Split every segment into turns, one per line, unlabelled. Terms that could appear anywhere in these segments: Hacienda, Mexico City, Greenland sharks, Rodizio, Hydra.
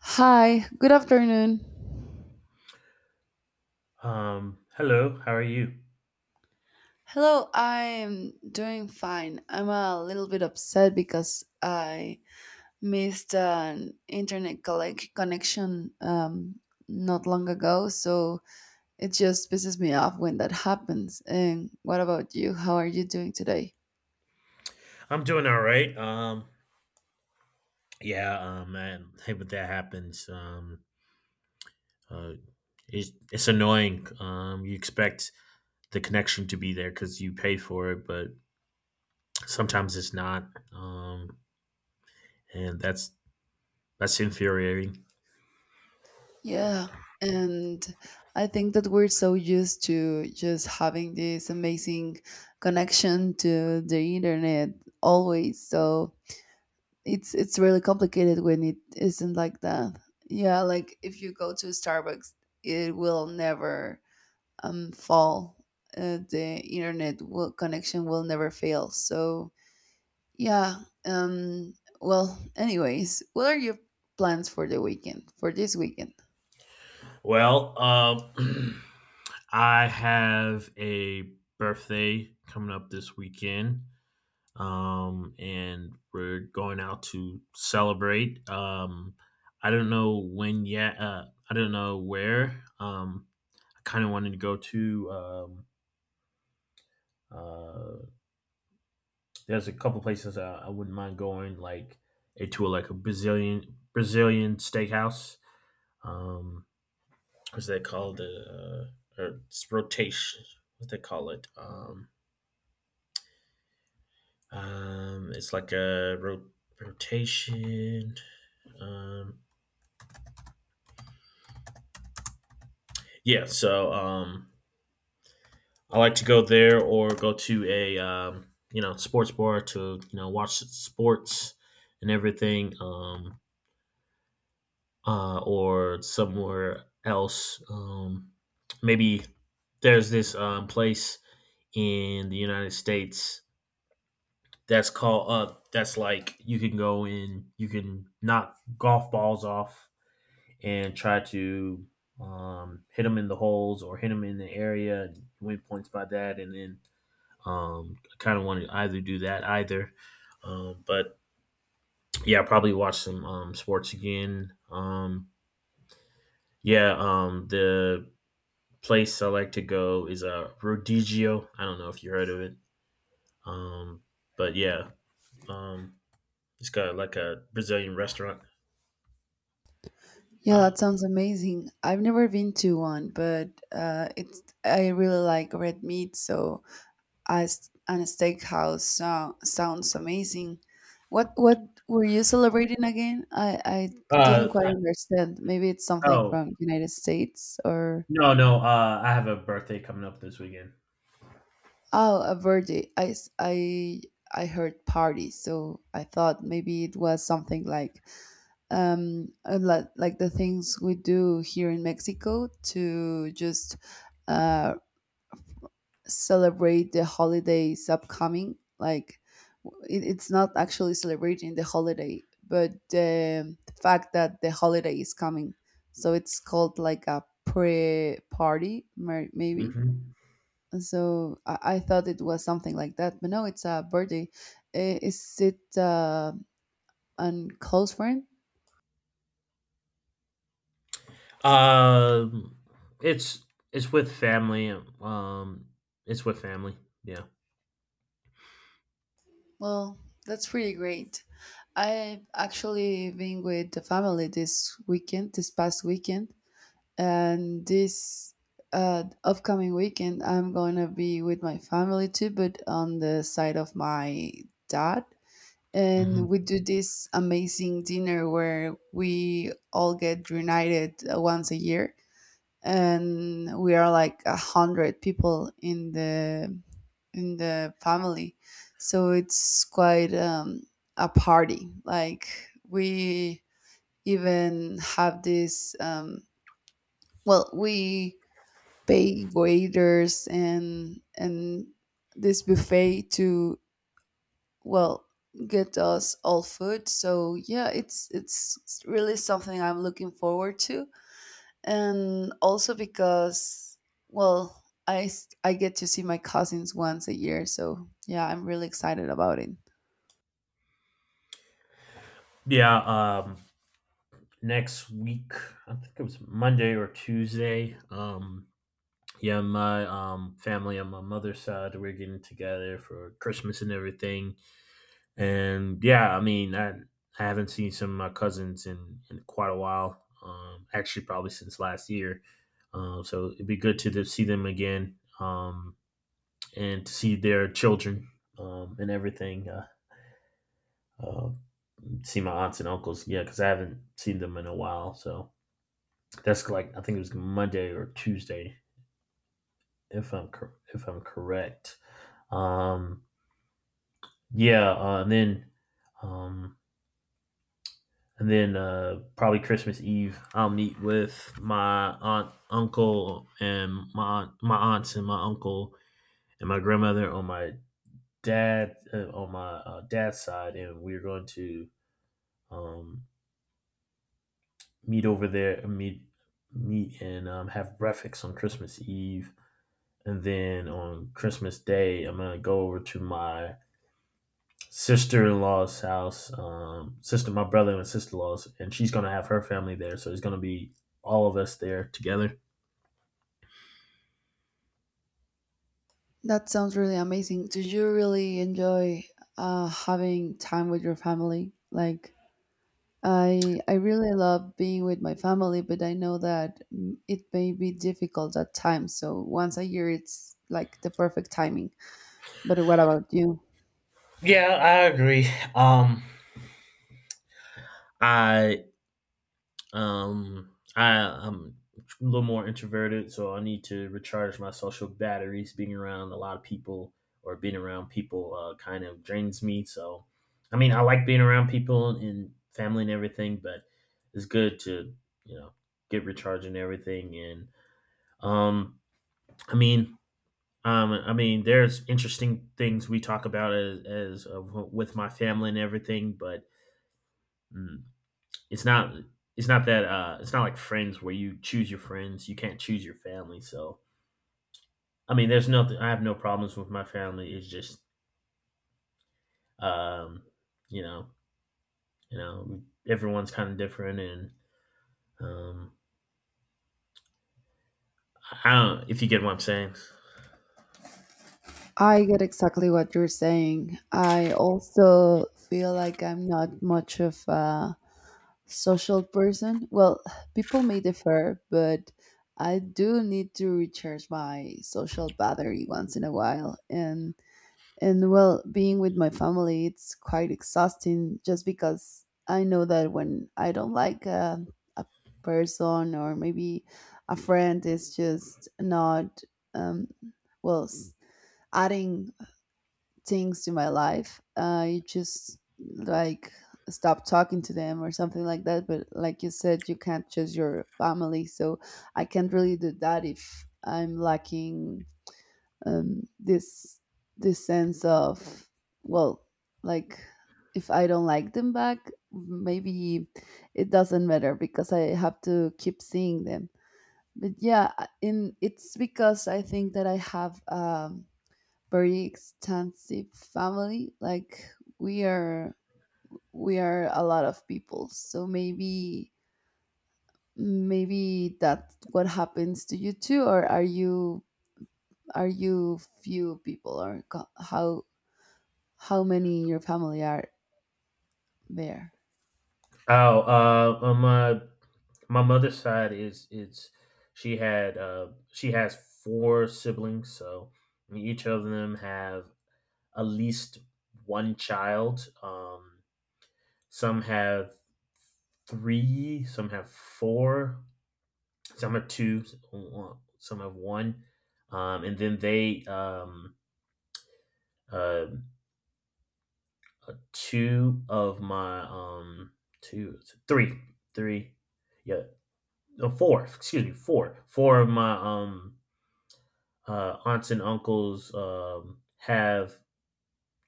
Hi, good afternoon.
Hello, how are you?
Hello, I'm doing fine. I'm a little bit upset because I missed an internet connection not long ago, so it just pisses me off when that happens. And what about you? How are you doing today?
I'm doing all right. Yeah, man, hey, but that happens. Uh, it's annoying. You expect the connection to be there because you pay for it, but sometimes it's not. Um, and that's infuriating.
Yeah, and I think that we're so used to just having this amazing connection to the internet always, so it's really complicated when it isn't like that. Yeah, like if you go to Starbucks, it will never fall. The internet will, connection will never fail. So yeah. Um. Well, anyways, what are your plans for the weekend? For this weekend?
Well, I have a birthday coming up this weekend. And we're going out to celebrate. I don't know when yet. I don't know where. I kind of wanted to go to. Uh, there's a couple places I wouldn't mind going, like a to like a Brazilian steakhouse. Um, what's that called? Or it's rotation. What they call it? It's like a rotation. Um, Yeah, so I like to go there or go to a sports bar to watch sports and everything, or somewhere else. Maybe there's this place in the United States that's called that's like you can go in, you can knock golf balls off and try to hit them in the holes or hit them in the area and win points by that, and then I kind of want to either do that either. But yeah, I'll probably watch some sports again. Yeah, the place I like to go is Rodizio. I don't know if you heard of it. Um, but yeah, um, it's got like a Brazilian restaurant.
Yeah,
Uh,
that sounds amazing. I've never been to one, but it's I really like red meat, so as and a steakhouse so, sounds amazing. What were you celebrating again? I didn't
uh,
quite
I-
understand. Maybe it's something
oh,
from United States or
no, no. I have a birthday coming up this weekend.
oh a birthday. I heard party, so I thought maybe it was something like like the things we do here in Mexico to just uh celebrate the holidays upcoming. Like it's not actually celebrating the holiday, but the fact that the holiday is coming. So it's called like a pre-party, maybe.
Hmm.
So I thought it was something like that, but no, it's a birthday. Is it an close friend?
Um, it's it's with family. Um, it's with family. Yeah.
Well, that's pretty great. I've actually been with the family this weekend, this past weekend, and this upcoming weekend I'm gonna be with my family too, but on the side of my dad, and
Hmm.
we do this amazing dinner where we all get reunited once a year, and we are like a hundred people in the family. So it's quite a party. Like we even have this well, we pay waiters and this buffet to, well, get us all food. So yeah, it's really something I'm looking forward to, and also because, well, I get to see my cousins once a year. So yeah, I'm really excited about it.
Yeah. Next week, I think it was Monday or Tuesday. Yeah, my family on my mother's side, we're getting together for Christmas and everything. And yeah, I mean, I haven't seen some of my cousins in quite a while. Actually, probably since last year. So it'd be good to see them again. And to see their children and everything. Uh, See my aunts and uncles, yeah, because I haven't seen them in a while. So that's like I think it was Monday or Tuesday, if I'm correct. Um, yeah, um, and then Probably Christmas Eve, I'll meet with my aunt, uncle, and my aunt, my aunts and my uncle and my grandmother on my dad on my dad's side, and we're going to um, meet over there, meet and have breakfast on Christmas Eve, and then on Christmas Day, I'm gonna go over to my sister-in-law's house, sister, my brother and sister-in-law's, and she's gonna have her family there, so it's gonna be all of us there together.
That sounds really amazing. Do you really enjoy having time with your family? Like I really love being with my family, but I know that mm, it may be difficult at times. So once a year, it's like the perfect timing. But what about you?
Yeah, I agree. Um, I I'm a little more introverted, so I need to recharge my social batteries. Being around a lot of people or being around people kind of drains me. So, I mean, I like being around people and family and everything, but it's good to you know get recharged and everything. And um, I mean. I mean, there's interesting things we talk about as with my family and everything, but mm, it's not it's not that it's not like friends where you choose your friends, you can't choose your family. So I mean, there's nothing. I have no problems with my family. It's just um you know you know everyone's kind of different and um I don't if you get what I'm saying.
I get exactly what you're saying. I also feel like I'm not much of a social person. Well, people may differ, but I do need to recharge my social battery once in a while. And, well, being with my family, it's quite exhausting just because I know that when I don't like a person, or maybe a friend is just not, um, well, adding things to my life, you just like stop talking to them or something like that. But like you said, you can't choose your family. So I can't really do that. If I'm lacking this this sense of, well, like, if I don't like them back, maybe it doesn't matter because I have to keep seeing them. But yeah, I- in it's because I think that I have very extensive family. Like we are we are a lot of people, so maybe maybe that's what happens to you too. Or are you, are you few people, or how many in your family are there?
Oh, on my mother's side is it's she had she has four siblings, so each of them have at least one child. Some have three, some have four, some have two, some have one. And then they, uh, two of my, two, three, three, yeah, no, four, excuse me, four, four of my, aunts and uncles, have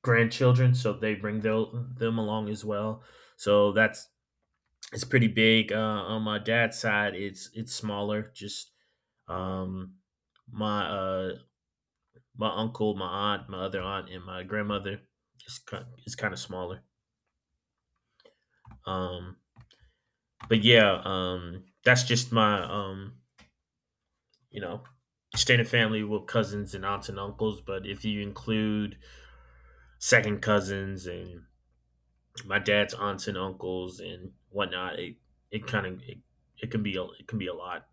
grandchildren, so they bring their, them along as well. So that's, it's pretty big. On my dad's side, it's smaller, just Um, my uh, my uncle, my aunt, my other aunt, and my grandmother is kind of smaller. Um, but yeah, that's just my you know, extended family with cousins and aunts and uncles. But if you include second cousins and my dad's aunts and uncles and whatnot, it kind of it, it can be it can be a lot.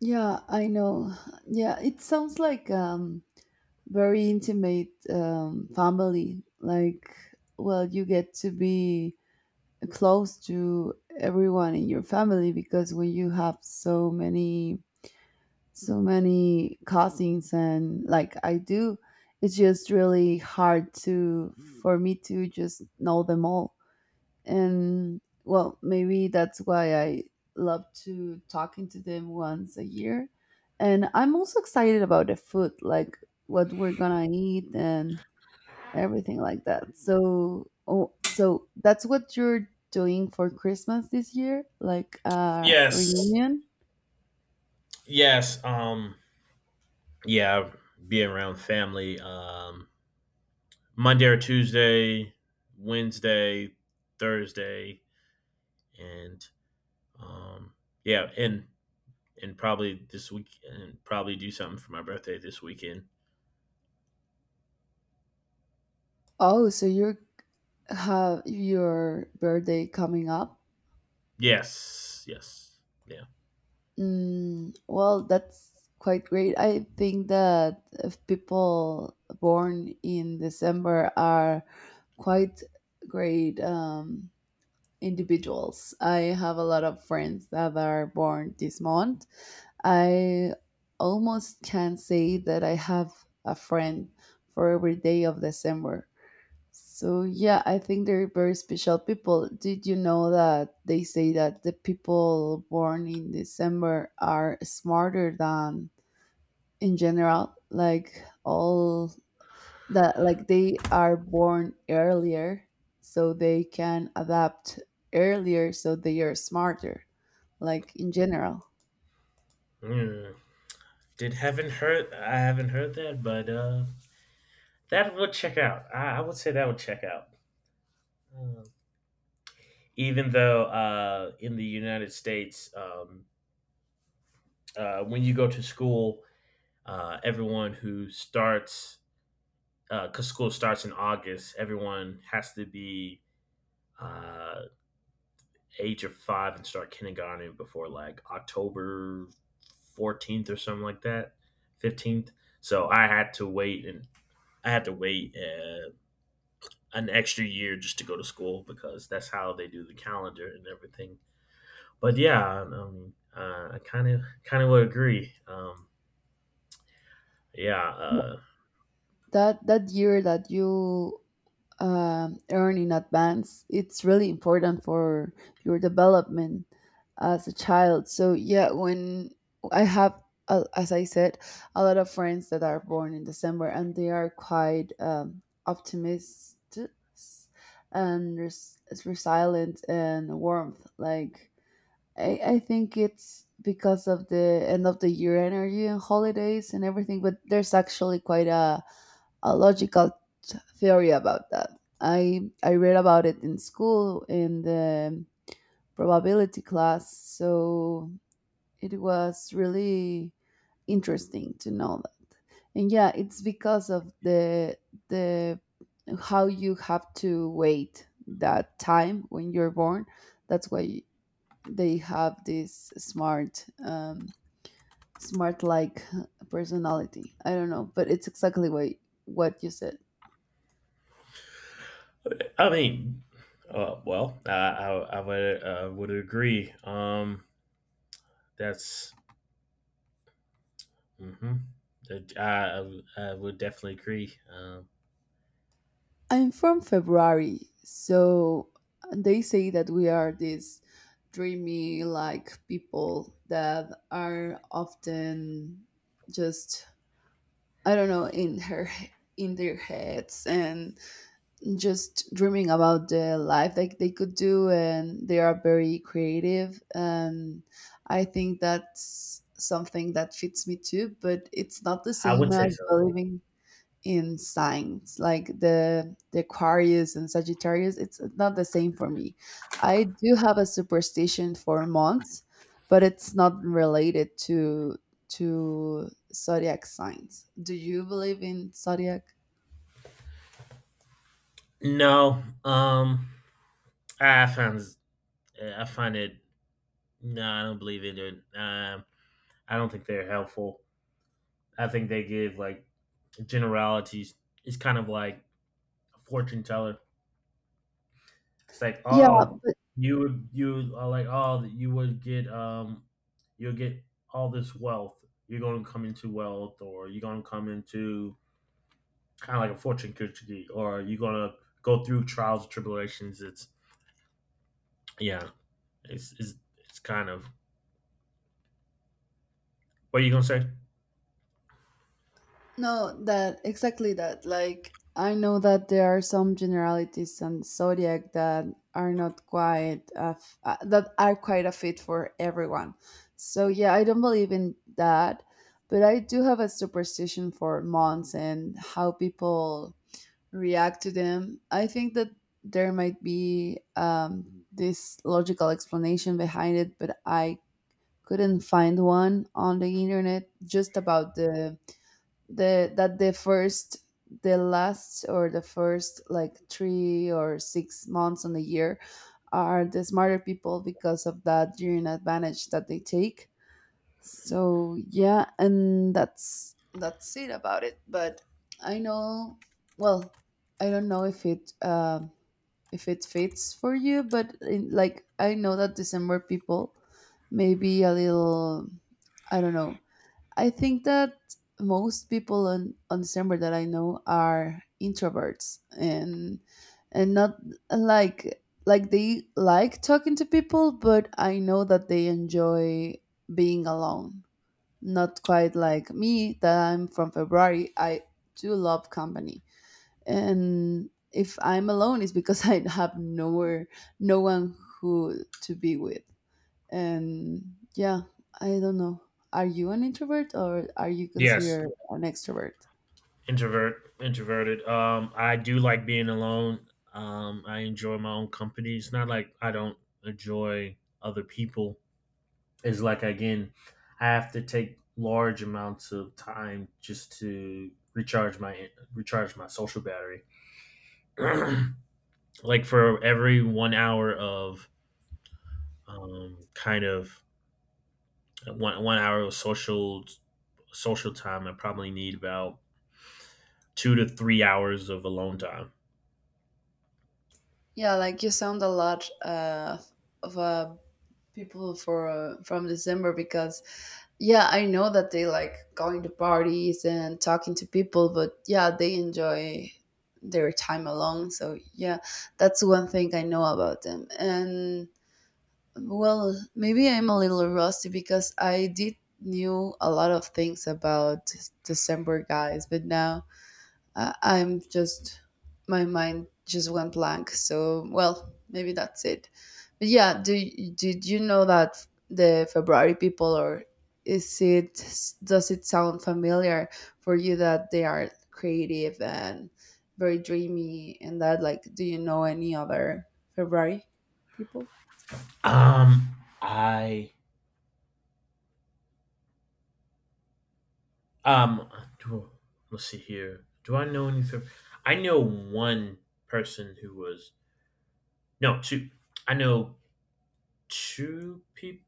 Yeah, I know. Yeah, it sounds like very intimate family. Like, well, you get to be close to everyone in your family, because when you have so many cousins and like I do, it's just really hard to for me to just know them all. And well, maybe that's why I love to talking to them once a year. And I'm also excited about the food, like what we're gonna eat and everything like that. So oh, so that's what you're doing for Christmas this year, like a
Yes,
reunion?
yes, yeah, being around family, Monday or Tuesday, Wednesday, Thursday, and um, yeah, and probably this week, and probably do something for my birthday this weekend.
Oh, so you have your birthday coming up.
Yes, yes, yeah.
Mm, well, that's quite great. I think that if people born in December are quite great individuals. I have a lot of friends that are born this month. I almost can say that I have a friend for every day of December. So yeah, I think they're very special people. Did you know that they say that the people born in December are smarter than in general, like all that, like they are born earlier, so they can adapt earlier, so they are smarter, like in general.
Mm. Did haven't heard? I haven't heard that, but that would check out. I would say that would check out. Um, Even though in the United States, when you go to school, everyone who starts because school starts in August, everyone has to be uh, age of 5 and start kindergarten before like October 14th or something like that, 15th. So I had to wait and I had to wait an extra year just to go to school because that's how they do the calendar and everything. But yeah, I kind of would agree. Yeah,
That that year that you earn in advance, it's really important for your development as a child. So yeah, when I have, as I said, a lot of friends that are born in December, and they are quite optimistic and resilient and warmth. Like I think it's because of the end of the year energy and holidays and everything, but there's actually quite a logical theory about that. I read about it in school in the probability class, so it was really interesting to know that. And yeah, it's because of the how you have to wait that time when you're born. That's why they have this smart smart like personality. I don't know, but it's exactly what you said.
I mean, well, I would agree. That's mm-hmm. I would definitely agree.
I'm from February, so they say that we are these dreamy like people that are often just, I don't know, in her in their heads and just dreaming about the life that they could do, and they are very creative. And I think that's something that fits me too, but it's not the
I
same
would say
as
so.
believing in signs like the Aquarius and Sagittarius. It's not the same for me. I do have a superstition for months, but it's not related to zodiac signs. Do you believe in zodiac?
No, I find I find it. No, I don't believe in it. I don't think they're helpful. I think they give like generalities. It's kind of like a fortune teller. It's like,
Yeah.
oh, you are like, oh, you'll get all this wealth. You're going to come into wealth, or you're going to come into kind of like a fortune cookie, or you're gonna go through trials and tribulations. It's Yeah, it's kind of what are you gonna say?
No, that exactly that. Like, I know that there are some generalities on zodiac that are not quite a that are quite a fit for everyone. So yeah, I don't believe in that, but I do have a superstition for months and how people react to them. I think that there might be this logical explanation behind it, but I couldn't find one on the internet just about the, that the first the last or the first like 3 or 6 months on the year are the smarter people because of that gearing advantage that they take. So yeah, and that's it about it. But I know, well, I don't know if it fits for you. But in, like, I know that December people may be a little, I don't know. I think that most people on December that I know are introverts and not like, like they like talking to people, but I know that they enjoy being alone. Not quite like me, that I'm from February. I do love company. And if I'm alone, it's because I have nowhere no one who to be with. And yeah, I don't know. Are you an introvert, or are you
Yes.
considered an extrovert?
Introvert, introverted. I do like being alone. I enjoy my own company. It's not like I don't enjoy other people. It's like again, I have to take large amounts of time just to recharge my social battery. Like for every 1 hour of kind of one hour of social time. I probably need about 2 to 3 hours of alone time.
Yeah, like you sound a lot of people for from December, because yeah, I know that they like going to parties and talking to people, but yeah, they enjoy their time alone. So yeah, that's one thing I know about them. And well, maybe I'm a little rusty, because I did knew a lot of things about December guys, but now I'm just my mind just went blank. So, well, maybe that's it. But yeah, do did you know that the February people, or is it, does it sound familiar for you that they are creative and very dreamy and that, like, do you know any other February people?
Um, I um, do- let's see here. Do I know any? I know one person who was, no, two. I know two people.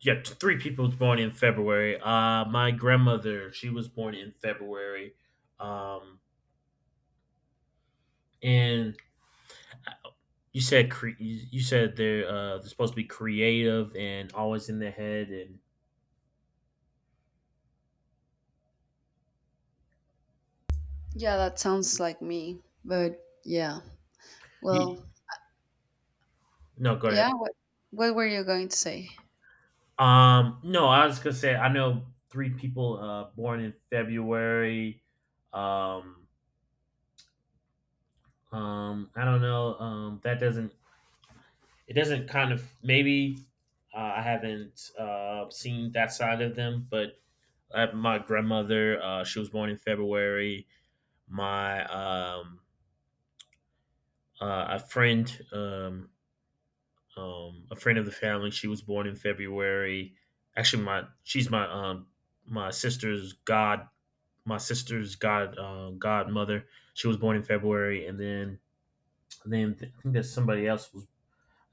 Yeah, three people was born in February. My grandmother, she was born in February. Um, and you said you said they're supposed to be creative and always in their head and
Yeah, that sounds like me. But yeah,
you,
well,
no go ahead.
yeah. What were you going to say?
No, I was gonna say I know three people born in February. um I don't know, that doesn't it doesn't kind of maybe. I haven't seen that side of them, but my grandmother she was born in February. My a friend A friend of the family, she was born in February. Actually, my she's my my sister's god my sister's god godmother. She was born in February, and then I think that somebody else was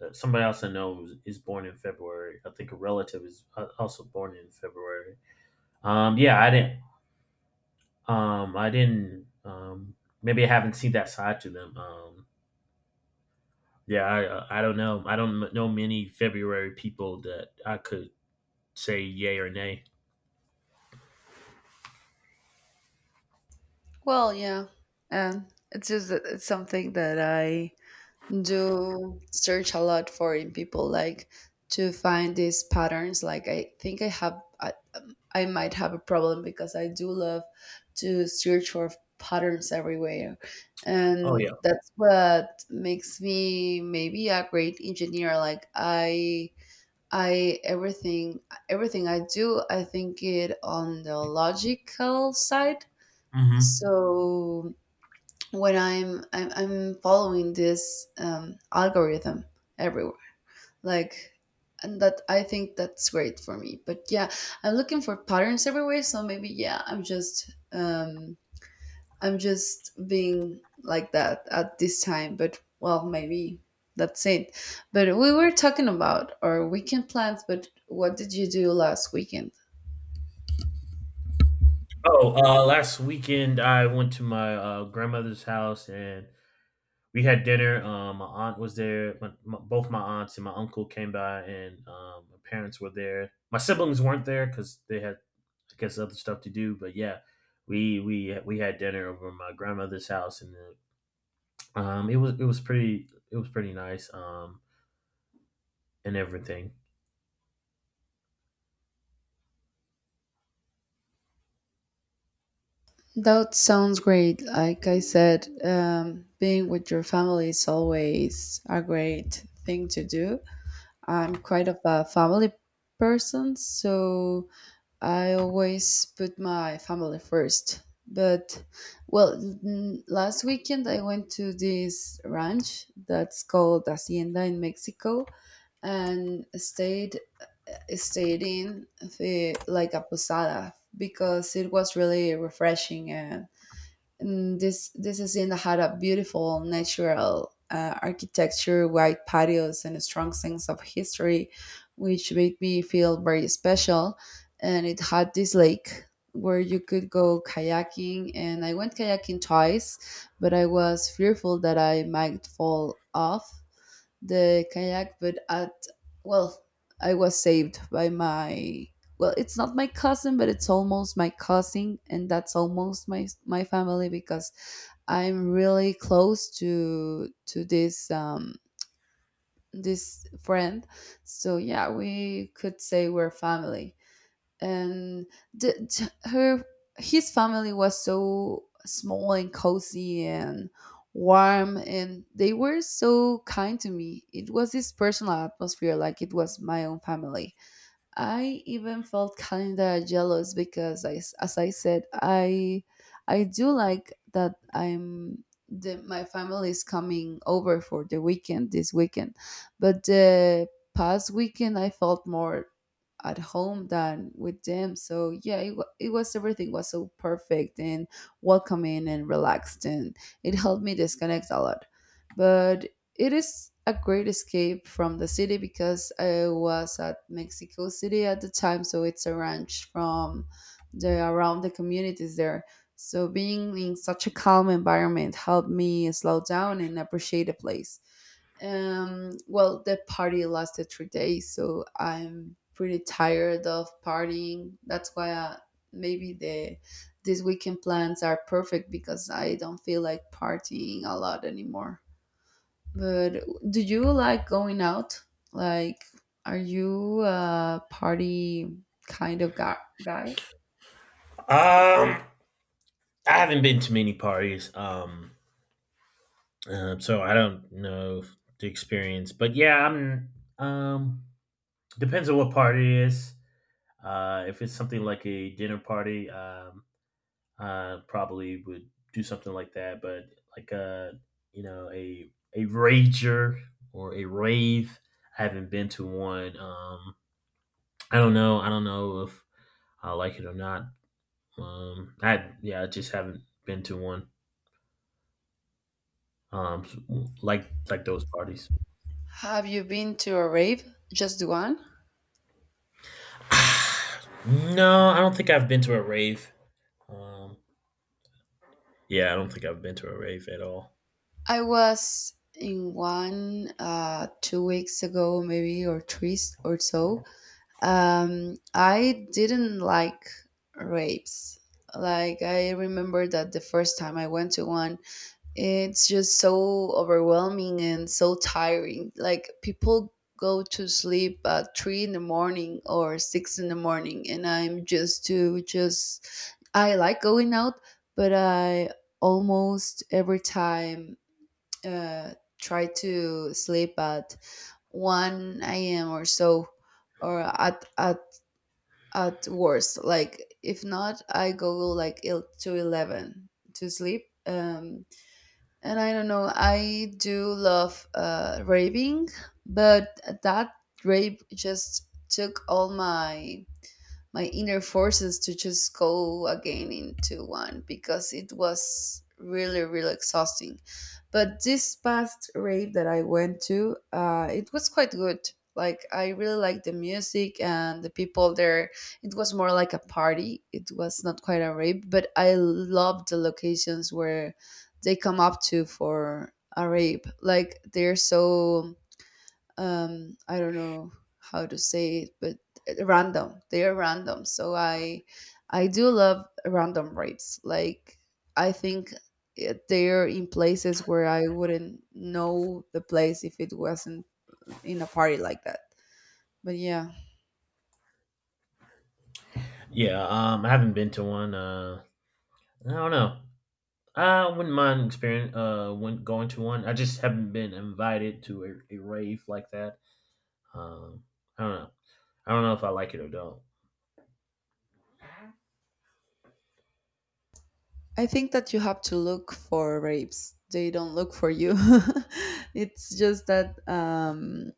somebody else I know is born in February. I think a relative is also born in February. Yeah, I didn't. I didn't. Maybe I haven't seen that side to them. Yeah, I don't know. I don't know many February people that I could say yay or nay.
Well, yeah, and it's just that it's something that I do search a lot for in people, like to find these patterns. Like I think I have, I might have a problem because I do love to search for patterns everywhere.
Oh
And
yeah.
that's what makes me maybe a great engineer. Like I everything everything I do, I think it on the logical side.
Mm-hmm.
So when I'm following this algorithm everywhere, like, and that I think that's great for me. But yeah, I'm looking for patterns everywhere. So maybe yeah, I'm just being like that at this time, but well, maybe that's it. But we were talking about our weekend plans, but what did you do last weekend?
Oh, last weekend I went to my grandmother's house and we had dinner. My aunt was there. Both my aunts and my uncle came by, and my parents were there. My siblings weren't there because they had, I guess, other stuff to do. But yeah, we had dinner over at my grandmother's house, and it was pretty nice. And everything.
That sounds great. Like I said, being with your family is always a great thing to do. I'm quite of a family person, so I always put my family first. But, Last weekend I went to this ranch that's called Hacienda in Mexico and stayed in like a posada because it was really refreshing and this is in the had a beautiful natural architecture, wide patios, and a strong sense of history, which made me feel very special. And it had this lake where you could go kayaking, and I went kayaking twice, but I was fearful that I might fall off the kayak. Well, I was saved by my, well, it's not my cousin, but it's almost my cousin, and that's almost my family because I'm really close to this this friend, so yeah, we could say we're family. And the, t- her his family was so small and cozy and warm, and they were so kind to me. It was this personal atmosphere, like it was my own family. I even felt kind of jealous because I, as I said, I do like that my family is coming over for the weekend this weekend, but the past weekend I felt more at home than with them. So yeah, it was, everything was so perfect and welcoming and relaxed, and it helped me disconnect a lot. But it is a great escape from the city because I was at Mexico City at the time, so it's a ranch from the around the communities there. So being in such a calm environment helped me slow down and appreciate the place. Well, the party lasted 3 days, so I'm pretty tired of partying. That's why maybe these weekend plans are perfect because I don't feel like partying a lot anymore. But do you like going out? Like, are you a party kind of guy?
Um, I haven't been to many parties. So I don't know the experience, but yeah, I'm. Um, Depends on what part it is. If it's something like a dinner party, I probably would do something like that. But like you know, a rager or a rave, I haven't been to one. I don't know. I don't know if I like it or not. I Yeah, I just haven't been to one. Um, like those parties.
Have you been to a rave? Just one?
No, I don't think I've been to a rave. Um, yeah, I don't think I've been to a rave at all.
I was in one 2 weeks ago, maybe, or or so. I didn't like raves. Like, I remember that the first time I went to one, it's just so overwhelming and so tiring. Like, people go to sleep at three in the morning or six in the morning, and I'm just to just I like going out, but I almost every time uh, try to sleep at one a.m. or so, or at worst. Like, if not, I go like to 11 to sleep. And I don't know, I do love raving, but that rave just took all my inner forces to just go again into one because it was really really exhausting. But this past rave that I went to, it was quite good. Like, I really liked the music and the people there. It was more like a party, it was not quite a rave, but I loved the locations where they come up to for a rave. Like, they're so, I don't know how to say it, but random, they are random. So I do love random rapes. Like, I think they're in places where I wouldn't know the place if it wasn't in a party like that. But yeah,
Yeah, I haven't been to one. I don't know. I wouldn't mind experience when going to one. I just haven't been invited to a rave like that. Um, I don't know. I don't know if I like it or don't.
I think that you have to look for rapes, they don't look for you it's just that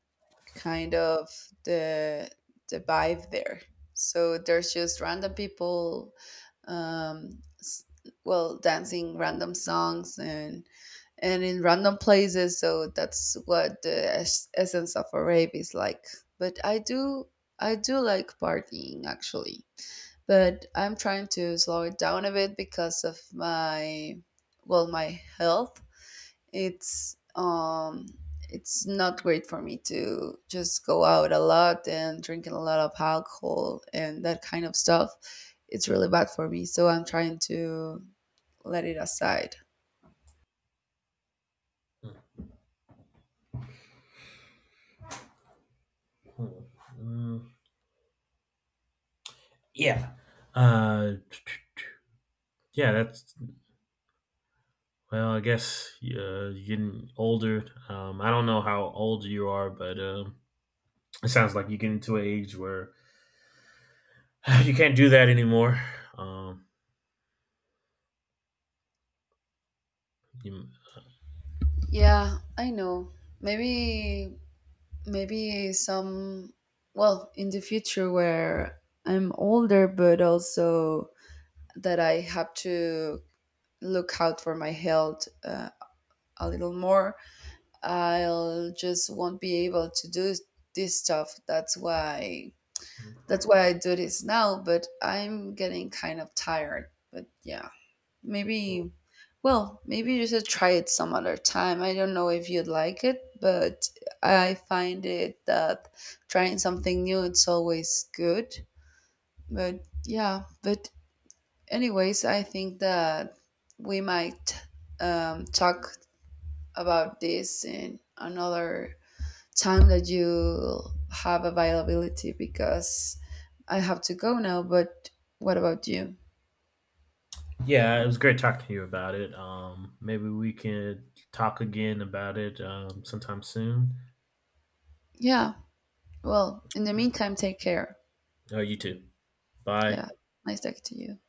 kind of the the vibe there. So there's just random people, um, s- dancing random songs and in random places. So that's what the essence of a rave is like. But I do like partying actually, but I'm trying to slow it down a bit because of my, well, my health. it's um it's not great for me to just go out a lot and drinking a lot of alcohol and that kind of stuff. It's really bad for me, so I'm trying to let it aside.
Mm, yeah. Uh, yeah. That's well. I guess you're getting older. I don't know how old you are, but it sounds like you get into an age where you can't do that anymore. Um, you,
Yeah, I know. Maybe maybe some well, in the future, where I'm older, but also that I have to look out for my health, a little more, I'll just won't be able to do this stuff. That's why, I do this now, but I'm getting kind of tired. But yeah, maybe, well, maybe you should try it some other time. I don't know if you'd like it, but I find it that trying something new, it's always good. But yeah, but anyways, I think that we might talk about this in another time that you have availability because I have to go now. But what about you?
yeah, it was great talking to you about it. Maybe we can talk again about it sometime soon.
Yeah. Well, in the meantime, take care.
Oh, you too. Bye.
Yeah. Nice talking to you.